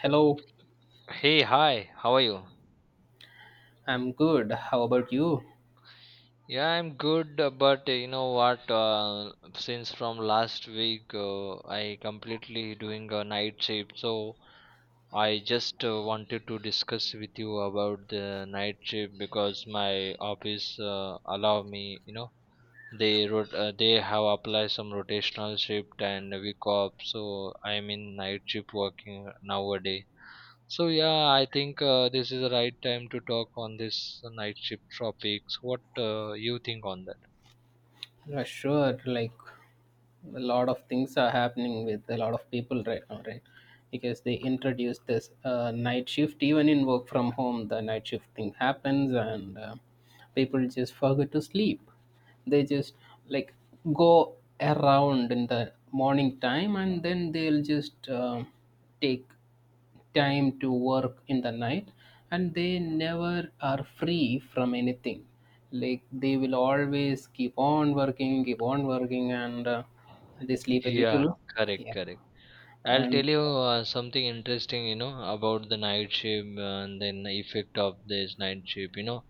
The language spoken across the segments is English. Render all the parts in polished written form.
Hello, Hey, hi, how are you? I'm good. How about you? Yeah, I'm good, but you know what? Since from last week, I completely doing a night shift, so I just wanted to discuss with you about the night shift because my office allow me, you know, they wrote they have applied some rotational shift and week off, so I'm in night shift working nowadays. So yeah, I think this is the right time to talk on this night shift topics. What you think on that? Yeah, sure. Like a lot of things are happening with a lot of people right now, right? Because they introduced this night shift, even in work from home, the night shift thing happens, and people just forget to sleep. They just like go around in the morning time, and then they'll just take time to work in the night, and they never are free from anything. Like they will always keep on working, keep on working, and they sleep a Yeah, little. correct, Yeah, correct. I'll tell and you something interesting, you know, about the night shift and then the effect of this night shift. You know,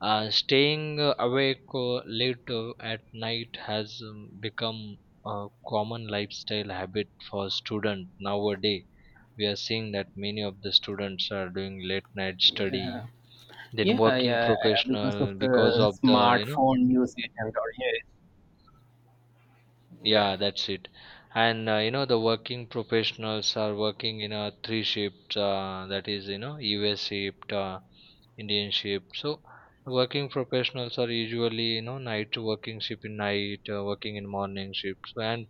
staying awake late at night has become a common lifestyle habit for students nowadays. We are seeing that many of the students are doing late night study, yeah, then yeah working yeah yeah, because of professional because the of the, you know, smartphone usage and all. Yeah, yeah. yeah, that's it. And you know the working professionals are working in a 3 shift, that is, you know, us shift, indian shift. So working professionals are usually, you know, night working shift in night, working in morning shifts, and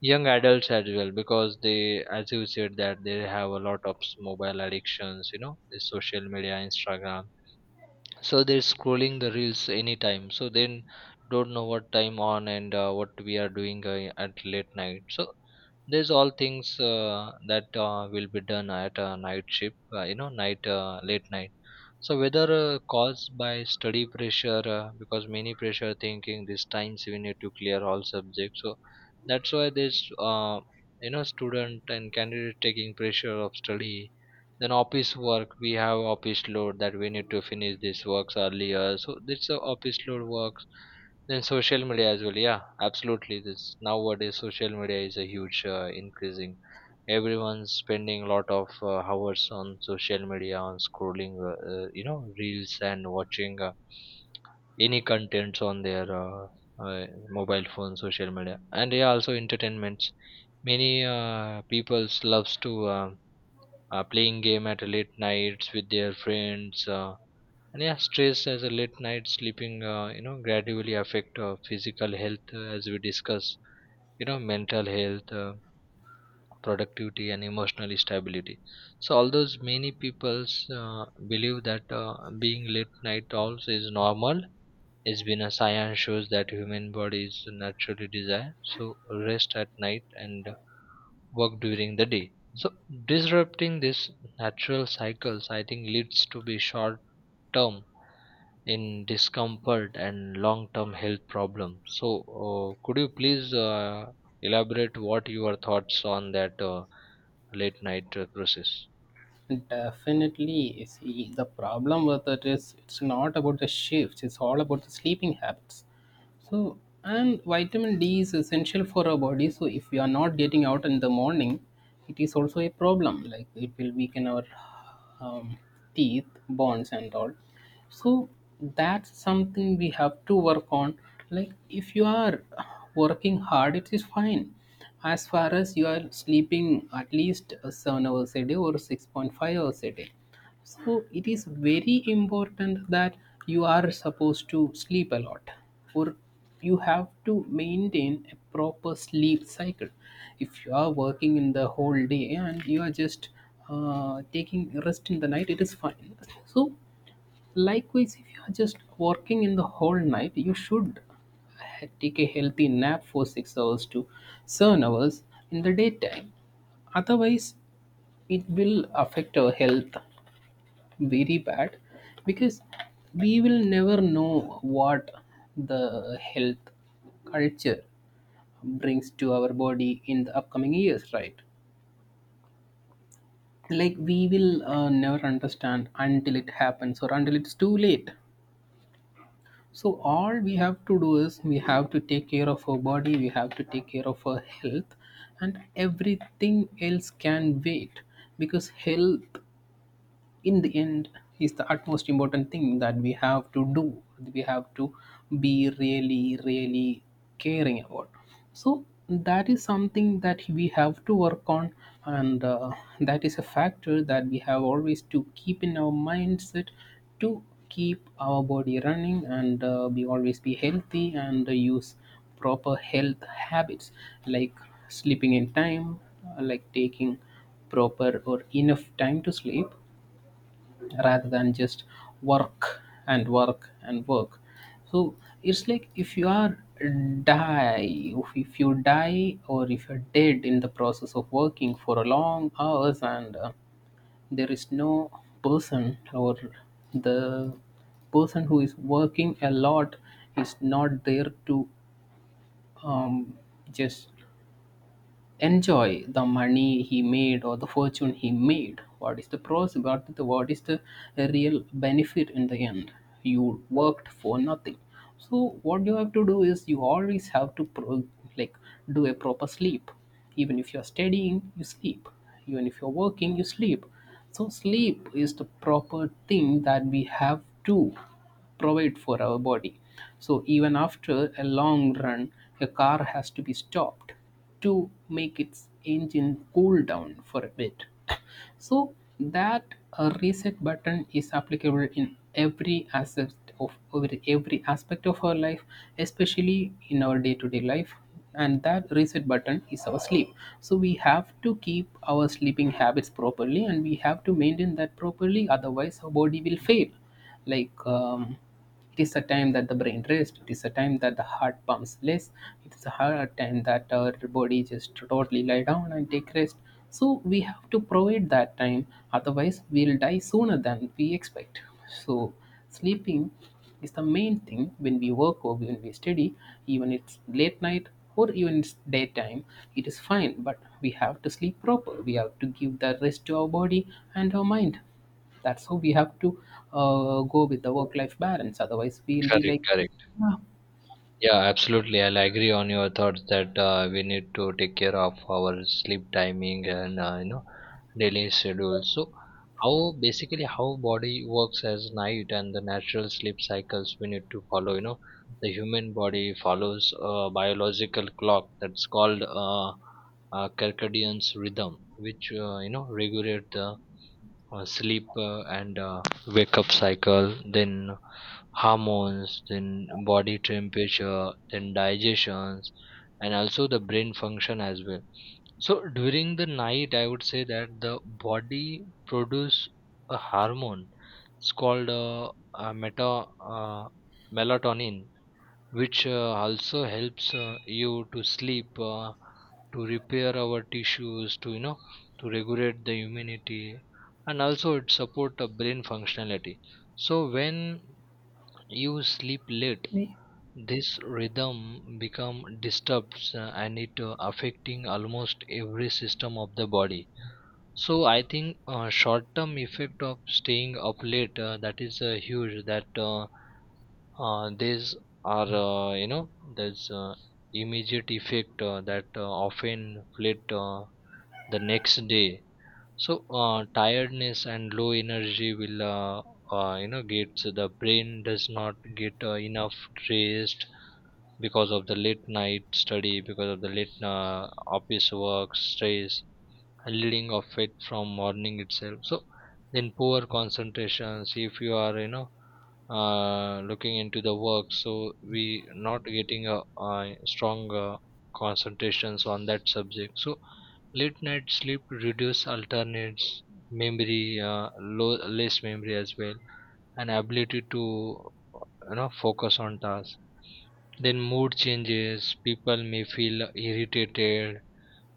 young adults as well, because they, as you said, that they have a lot of mobile addictions, you know, the social media, instagram. So they're scrolling the reels anytime, so then don't know what time on, and what we are doing at late night. So there's all things that will be done at a night shift, you know, night late night. So whether caused by study pressure, because many pressure thinking these times we need to clear all subjects. So that's why there's you know, student and candidate taking pressure of study. Then office work, we have office load that we need to finish these works earlier. So this office load work, then social media as well. Yeah, absolutely. This nowadays social media is a huge increasing. Everyone's spending a lot of hours on social media, on scrolling, you know, reels, and watching any contents on their uh, mobile phone, social media, and yeah, also entertainments. Many people's loves to playing game at late nights with their friends. And yeah, stress as a late night sleeping, you know, gradually affect physical health, as we discuss, you know, mental health, productivity, and emotional stability. So although many peoples uh, believe that being late night owls is normal, it's been a science shows that human bodies naturally desire so rest at night, and work during the day. So disrupting this natural cycles, I think, leads to be short term in discomfort and long term health problems. So, could you please elaborate what your thoughts on that late night process? Definitely. See, the problem with it is it's not about the shifts, it's all about the sleeping habits. So, and vitamin D is essential for our body. So, if we are not getting out in the morning, it is also a problem. Like, it will weaken our um, teeth bonds and all. So that's something we have to work on. Like, if you are working hard, it is fine, as far as you are sleeping at least 7 hours a day or 6.5 hours a day. So it is very important that you are supposed to sleep a lot, or you have to maintain a proper sleep cycle. If you are working in the whole day and you are just taking rest in the night, it is fine. So likewise, if you are just working in the whole night, you should take a healthy nap for 6 hours to 7 hours in the daytime. Otherwise, it will affect our health very bad, because we will never know what the health culture brings to our body in the upcoming years, right? Like, we will never understand until it happens or until it's too late. So all we have to do is we have to take care of our body, we have to take care of our health, and everything else can wait, because health in the end is the utmost important thing that we have to do. We have to be really, really caring about. So that is something that we have to work on, and that is a factor that we have always to keep in our mindset, to keep our body running and be always be healthy and use proper health habits, like sleeping in time, like taking proper or enough time to sleep, rather than just work and work and work. So it's like, if you are die, if you die or if you're dead in the process of working for a long hours, and there is no person, or the person who is working a lot is not there to um, just enjoy the money he made or the fortune he made, what is the pros, what is the real benefit in the end? You worked for nothing. So what you have to do is you always have to like, do a proper sleep. Even if you're studying, you sleep. Even if you're working, you sleep. So sleep is the proper thing that we have to provide for our body. So even after a long run, a car has to be stopped to make its engine cool down for a bit. So that reset button is applicable in every aspect of, our life, especially in our day-to-day life. And that reset button is our sleep. So we have to keep our sleeping habits properly, and we have to maintain that properly. Otherwise, our body will fail. Like it is a time that the brain rests, it is a time that the heart pumps less, it is a hard time that our body just totally lie down and take rest. So we have to provide that time, otherwise we'll die sooner than we expect. So sleeping is the main thing when we work or when we study, even it's late night or even it's daytime. It is fine, but we have to sleep proper, we have to give the rest to our body and our mind. That's how we have to go with the work-life balance. Otherwise, we'll be Correct, like, correct. "Ah, Yeah, absolutely. I'll agree on your thoughts that we need to take care of our sleep timing, and you know, daily schedule. So how basically how body works as night and the natural sleep cycles we need to follow. You know, the human body follows a biological clock that's called circadian's rhythm, which, you know, regulate the sleep and wake up cycle. Then hormones, then body temperature, then digestions, and also the brain function as well. So during the night, I would say that the body produce a hormone. It's called meta uh, melatonin, which, also helps you to sleep, to repair our tissues, to, you know, to regulate the immunity, and also it support the brain functionality. So when you sleep late, me." this rhythm become disturbs, and it affecting almost every system of the body. So I think short term effect of staying up late, that is huge. That these are You know, there's immediate effect that often fleet the next day. So tiredness and low energy will, you know, get. So the brain does not get enough rest because of the late night study, because of the late office work stress leading of it from morning itself. So then poor concentrations, if you are, you know, looking into the work, so we not getting a strong concentrations on that subject. So late night sleep reduce alternates memory, low, less memory as well, and ability to, you know, focus on tasks. Then mood changes, people may feel irritated,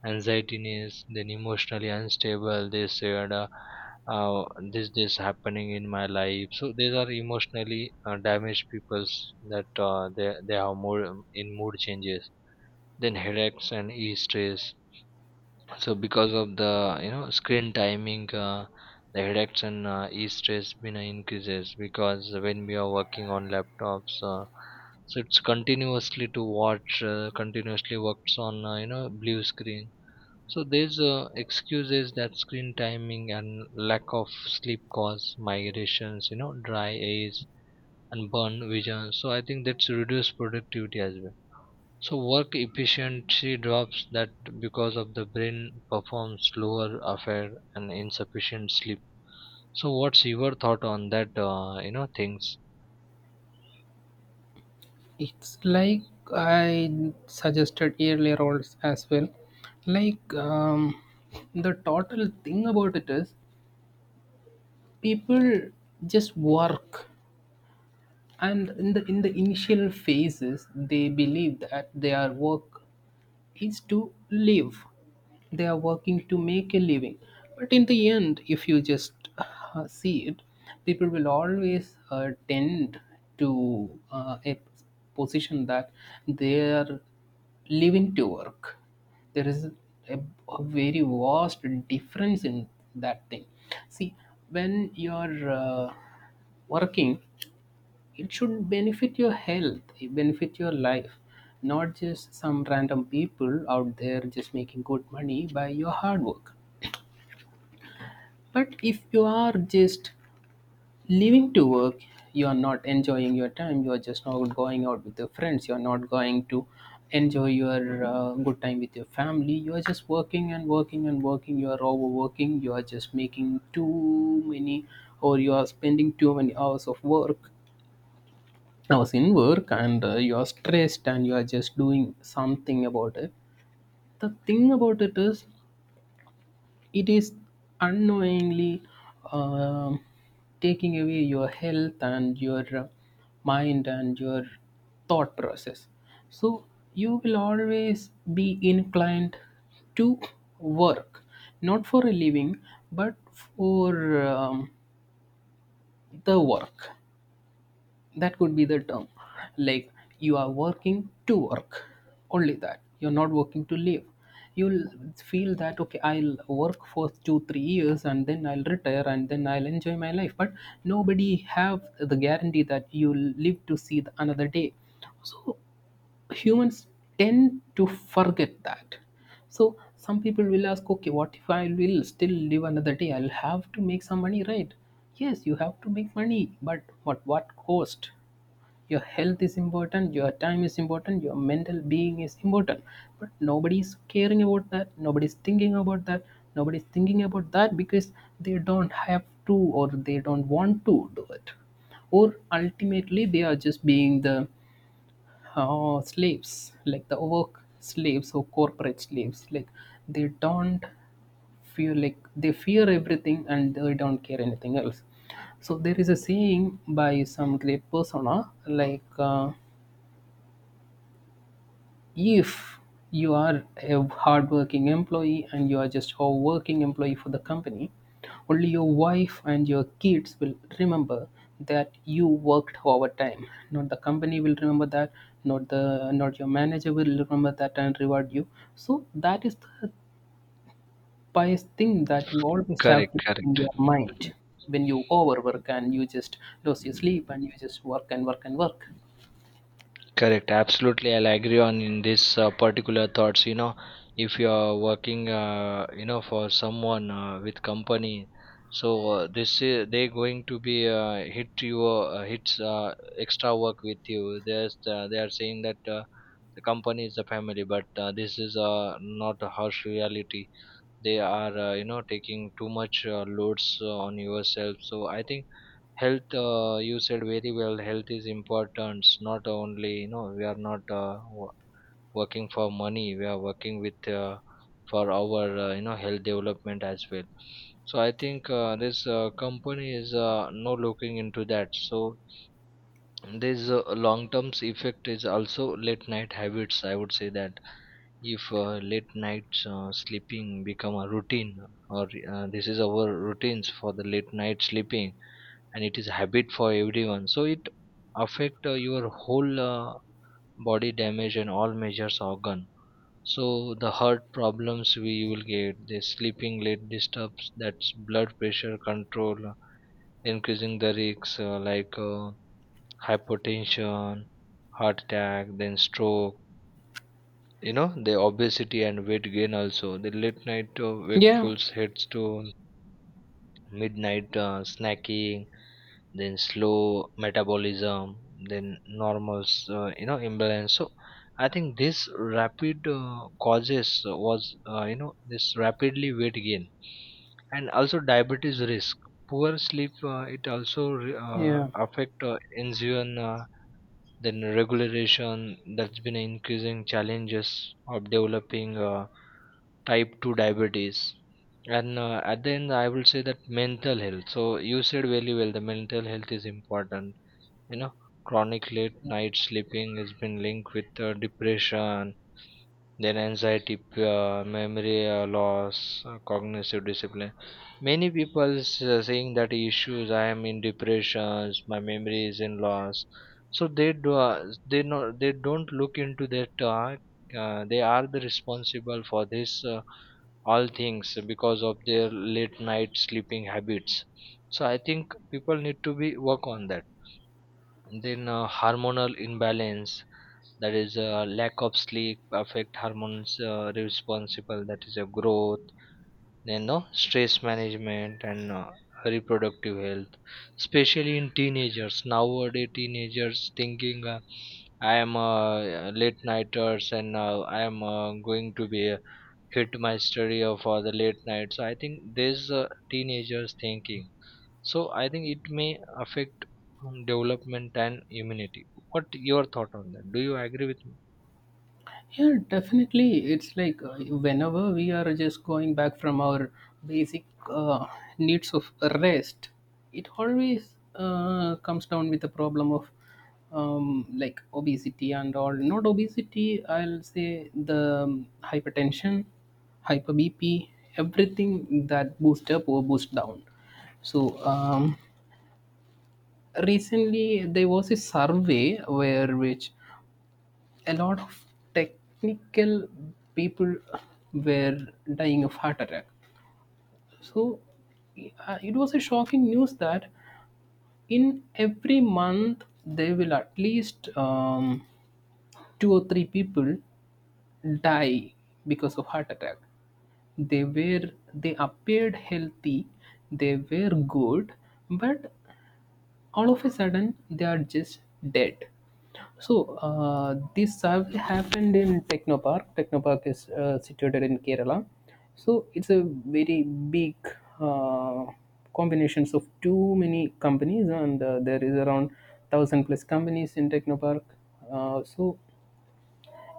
anxietiness, then emotionally unstable. They said, uh, "this happening in my life." So these are emotionally damaged peoples that they have more in mood changes. Then headaches and e stress. So because of the, you know, screen timing. The headaches and e stress been increases, because when we are working on laptops, so it's continuously to watch, continuously works on, you know, blue screen. So there's excuses that screen timing and lack of sleep cause migrations, you know, dry eyes and burn vision. So I think that's reduced productivity as well. So work efficiency drops that because of the brain performs slower affair and insufficient sleep. So what's your thought on that? You know things. It's like I suggested earlier, as well. Like, the total thing about it is people just work, and in the initial phases, they believe that their work is to live. They are working to make a living. But in the end, if you just see it, people will always tend to a position that they are living to work. There is a, a very vast difference in that thing. See, when you're working, it should benefit your health, it benefit your life, not just some random people out there just making good money by your hard work. But if you are just leaving to work, you are not enjoying your time, you are just not going out with your friends, you are not going to enjoy your good time with your family, you are just working and working and working, you are overworking, you are just making too many, or you are spending too many hours of work. I was in work, and you are stressed and you are just doing something about it. The thing about it is unknowingly um, taking away your health and your mind and your thought process. So you will always be inclined to work, not for a living, but for the work. That could be the term, like, you are working to work only, that you're not working to live. You'll feel that, okay, I'll work for 2 3 years and then I'll retire and then I'll enjoy my life, but nobody have the guarantee that you'll live to see the another day. So humans tend to forget that. So some people will ask, okay, what if I will still live another day? I'll have to make some money, right? Yes, you have to make money, but what cost? Your health is important, your time is important, your mental being is important, but nobody's caring about that, nobody's thinking about that, nobody's thinking about that because they don't have to, or they don't want to do it, or ultimately they are just being the slaves, like the work slaves or corporate slaves. Like, they don't feel like, they fear everything and they don't care anything else. So there is a saying by some great persona, like. If you are a hardworking employee and you are just a working employee for the company, only your wife and your kids will remember that you worked overtime. Not the company will remember that, not your manager will remember that and reward you. So that is the biased thing that you always Correct, have to keep in correct. your mind when you overwork and you just lose your sleep and you just work and work and work. Correct. Absolutely, I'll agree on in this particular thoughts. You know, if you are working, you know, for someone with company, so this is they going to be hit you, hits extra work with you. There's They are saying that the company is the family, but this is not a harsh reality. They are, you know, taking too much loads on yourself. So I think health, you said very well, health is important. It's not only, you know, we are not working for money, we are working with, for our you know, health development as well. So I think this company is no looking into that. So this long term effect is also late night habits. I would say that if late nights sleeping become a routine, or this is our routines for the late night sleeping, and it is habit for everyone. So it affect your whole body damage and all measures organ. So the heart problems we will get, the sleeping late disturbs that's blood pressure control, increasing the risks, like hypertension, heart attack, then stroke. You know the obesity and weight gain, also the late night Yeah, wakefuls heads to midnight snacking, then slow metabolism, then normals, you know, imbalance. So I think this rapid causes was you know, this rapidly weight gain, and also diabetes risk. Poor sleep, it also yeah. affect insulin, then regulation, that's been an increasing challenges of developing type 2 diabetes. And at the end I will say that mental health. So you said very well, the mental health is important. You know, chronic late night sleeping has been linked with depression, then anxiety, memory loss, cognitive discipline. Many people saying that issues. I am in depressions. My memory is in loss. So they do. They know. They don't look into that. They are the responsible for this all things because of their late night sleeping habits. So I think people need to be work on that, then hormonal imbalance, that is lack of sleep affect hormones responsible, that is a growth, then no stress management, and reproductive health, especially in teenagers. Nowadays teenagers thinking, I am late nighters, and I am going to be hit my study of the late night. So I think this teenagers thinking, so I think it may affect development and immunity. What your thought on that? Do you agree with me? Yeah, definitely. It's like whenever we are just going back from our basic uh, needs of rest, it always comes down with the problem of like obesity and all. Not obesity, I'll say the hypertension, hyper BP, everything that boost up or boost down. So recently there was a survey where which a lot of technical people were dying of heart attack. So it was a shocking news that in every month there will at least two or three people die because of heart attack. They appeared healthy, they were good, but all of a sudden they are just dead. So this have happened in Technopark. Technopark is situated in Kerala. So it's a very big uh, combinations of too many companies, and there is around 1,000+ companies in Technopark. So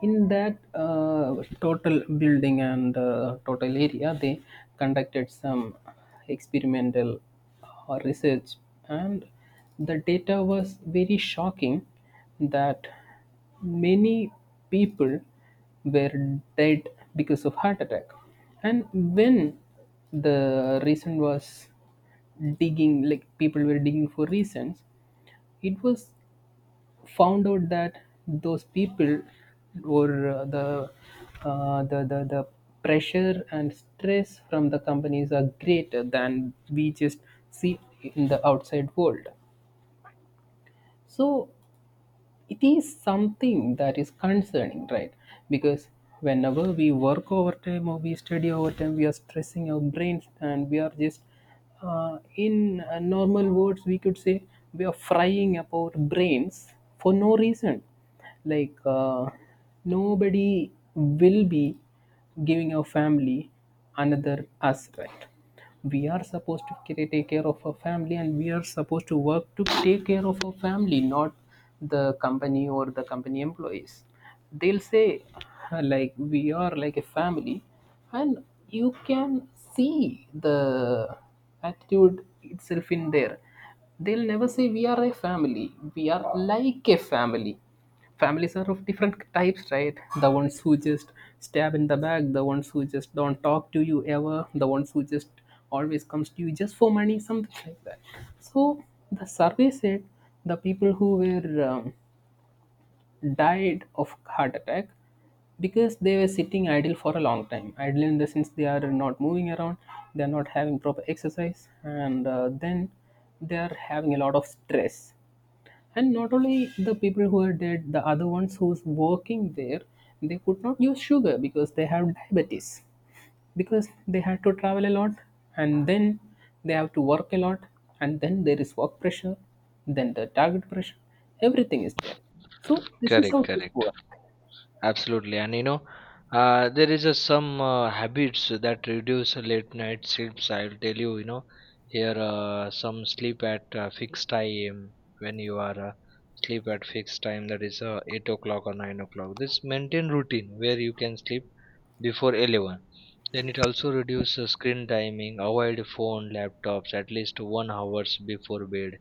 in that total building and total area, they conducted some experimental research, and the data was very shocking that many people were dead because of heart attack. And when the reason was digging, like people were digging for reasons, it was found out that those people were the pressure and stress from the companies are greater than we just see in the outside world, so it is something that is concerning, right? Because whenever we work overtime or we study overtime, we are stressing our brains and we are just, in normal words we could say, we are frying up our brains for no reason. like uh, Nobody will be giving our family another us, right? We are supposed to take care of our family and we are supposed to work to take care of our family, not the company. Or the company employees, they'll say, like, we are like a family. And you can see the attitude itself in there. They'll never say we are a family, we are like a family. Families are of different types, right? The ones who just stab in the back, the ones who just don't talk to you ever, the ones who just always comes to you just for money, something like that. So the survey said the people who were died of heart attack because they were sitting idle for a long time. Idle in the sense they are not moving around, they are not having proper exercise, and then they are having a lot of stress. And not only the people who are dead, the other ones who's working there, they could not use sugar because they have diabetes, because they had to travel a lot, and then they have to work a lot, and then there is work pressure, then the target pressure, everything is there. So this is Correct, how things correct. work. Absolutely, and you know, there is a some habits that reduce late night sleeps. I'll tell you, you know, here some sleep at fixed time. When you are sleep at fixed time, that is 8 o'clock or 9 o'clock. This maintain routine where you can sleep before 11. Then it also reduces screen timing. Avoid phone, laptops at least 1 hours before bed.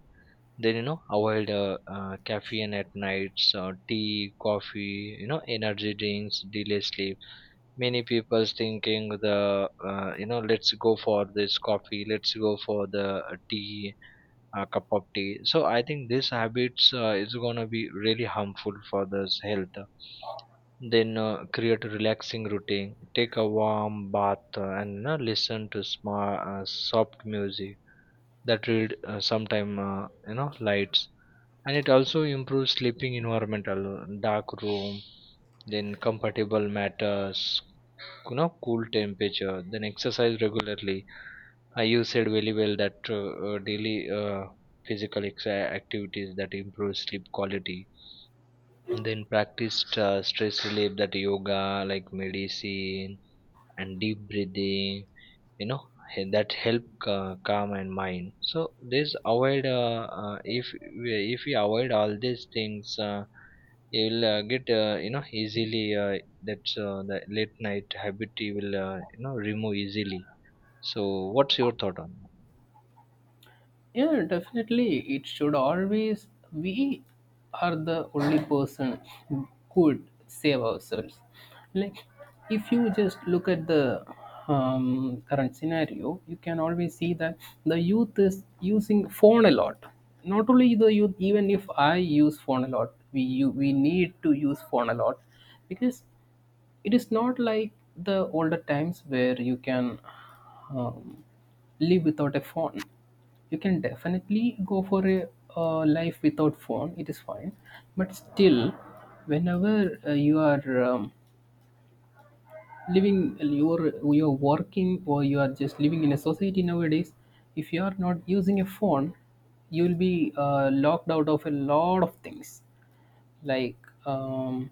Then you know avoid caffeine at nights, tea, coffee, you know, energy drinks delay sleep. Many people's thinking the, you know, let's go for this coffee, let's go for the tea, cup of tea. So I think these habits is going to be really harmful for this health. Then create a relaxing routine. Take a warm bath, and listen to smart, soft music, that will sometime, you know, lights, and it also improves sleeping environmental dark room, then comfortable matters, you know, cool temperature, then exercise regularly. You said very well that daily physical activities that improve sleep quality. Then practiced stress relief, that yoga like medicine, and deep breathing, you know, that help calm and mind. So this avoid if we avoid all these things, you will get, you know, easily, that the late night habit, you will, you know, remove easily. So what's your thought on that? Yeah, definitely. It should always, we are the only person who could save ourselves. Like, if you just look at the current scenario, you can always see that the youth is using phone a lot. Not only the youth, even if I use phone a lot, we need to use phone a lot because it is not like the older times where you can, um, live without a phone. You can definitely go for a life without phone, it is fine. But still, whenever you are living, you're working, or you are just living in a society nowadays, if you are not using a phone, you will be locked out of a lot of things, like um,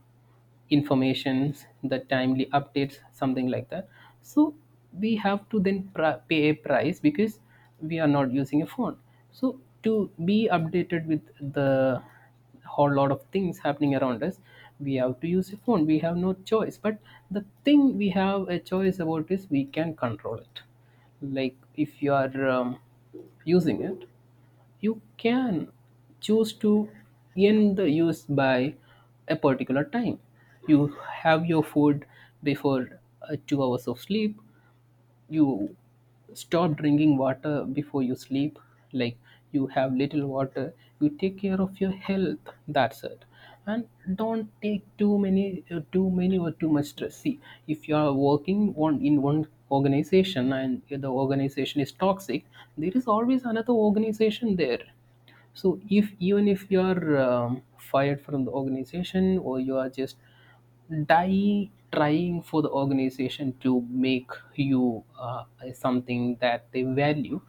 informations, the timely updates, something like that. So we have to then pay a price because we are not using a phone. So to be updated with the whole lot of things happening around us, we have to use a phone, we have no choice. But the thing we have a choice about is we can control it. Like if you are using it, you can choose to end the use by a particular time. You have your food before 2 hours of sleep, you stop drinking water before you sleep. Like, you have little water, you take care of your health, that's it. And don't take too many or too much stress. See, if you are working one organization and the organization is toxic, there is always another organization there. So if, even if you are fired from the organization, or you are just die trying for the organization to make you something that they value,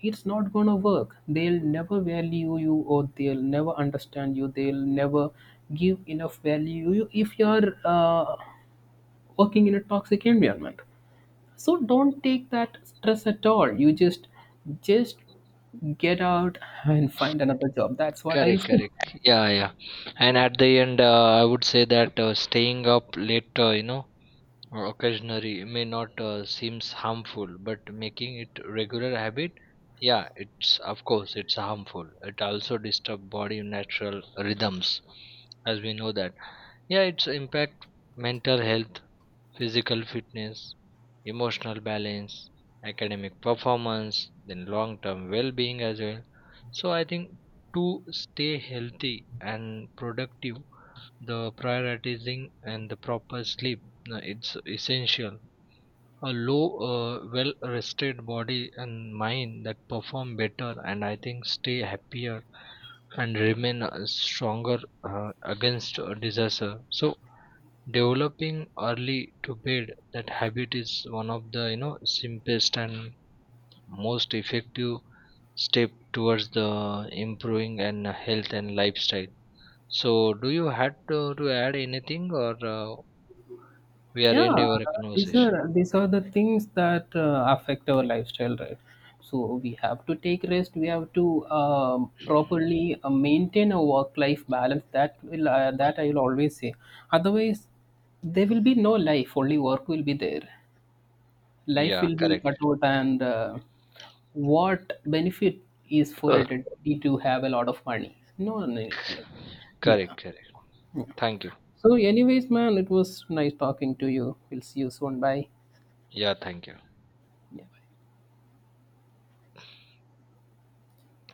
it's not gonna work. They'll never value you or they'll never understand you, they'll never give enough value you if you're working in a toxic environment. So don't take that stress at all. You just get out and find another job, that's what Correct, I'll say. correct, yeah, yeah. And at the end, I would say that staying up late, you know, or occasionally may not seems harmful, but making it regular habit, yeah, it's of course it's harmful. It also disturb body natural rhythms, as we know that. Yeah, it's impact mental health, physical fitness, emotional balance, academic performance, then long term well being as well. So I think, to stay healthy and productive, the prioritizing and the proper sleep, it's essential. A low, well rested body and mind that perform better, and I think stay happier and remain stronger against a disaster. So developing early to bed, that habit is one of the, you know, simplest and most effective step towards the improving and health and lifestyle. So do you had to add anything, or we are end Yeah, our these conversation? are, these are the things that affect our lifestyle, right? So we have to take rest, we have to properly maintain a work life balance, that will that I will always say. Otherwise, there will be no life, only work will be there, life Yeah, will be correct. cut out. And what benefit is for Uh, a deputy to have a lot of money? No need. Like, yeah. Correct, correct. Thank you. So anyways man, it was nice talking to you, we'll see you soon, bye. Yeah, thank you. Yeah.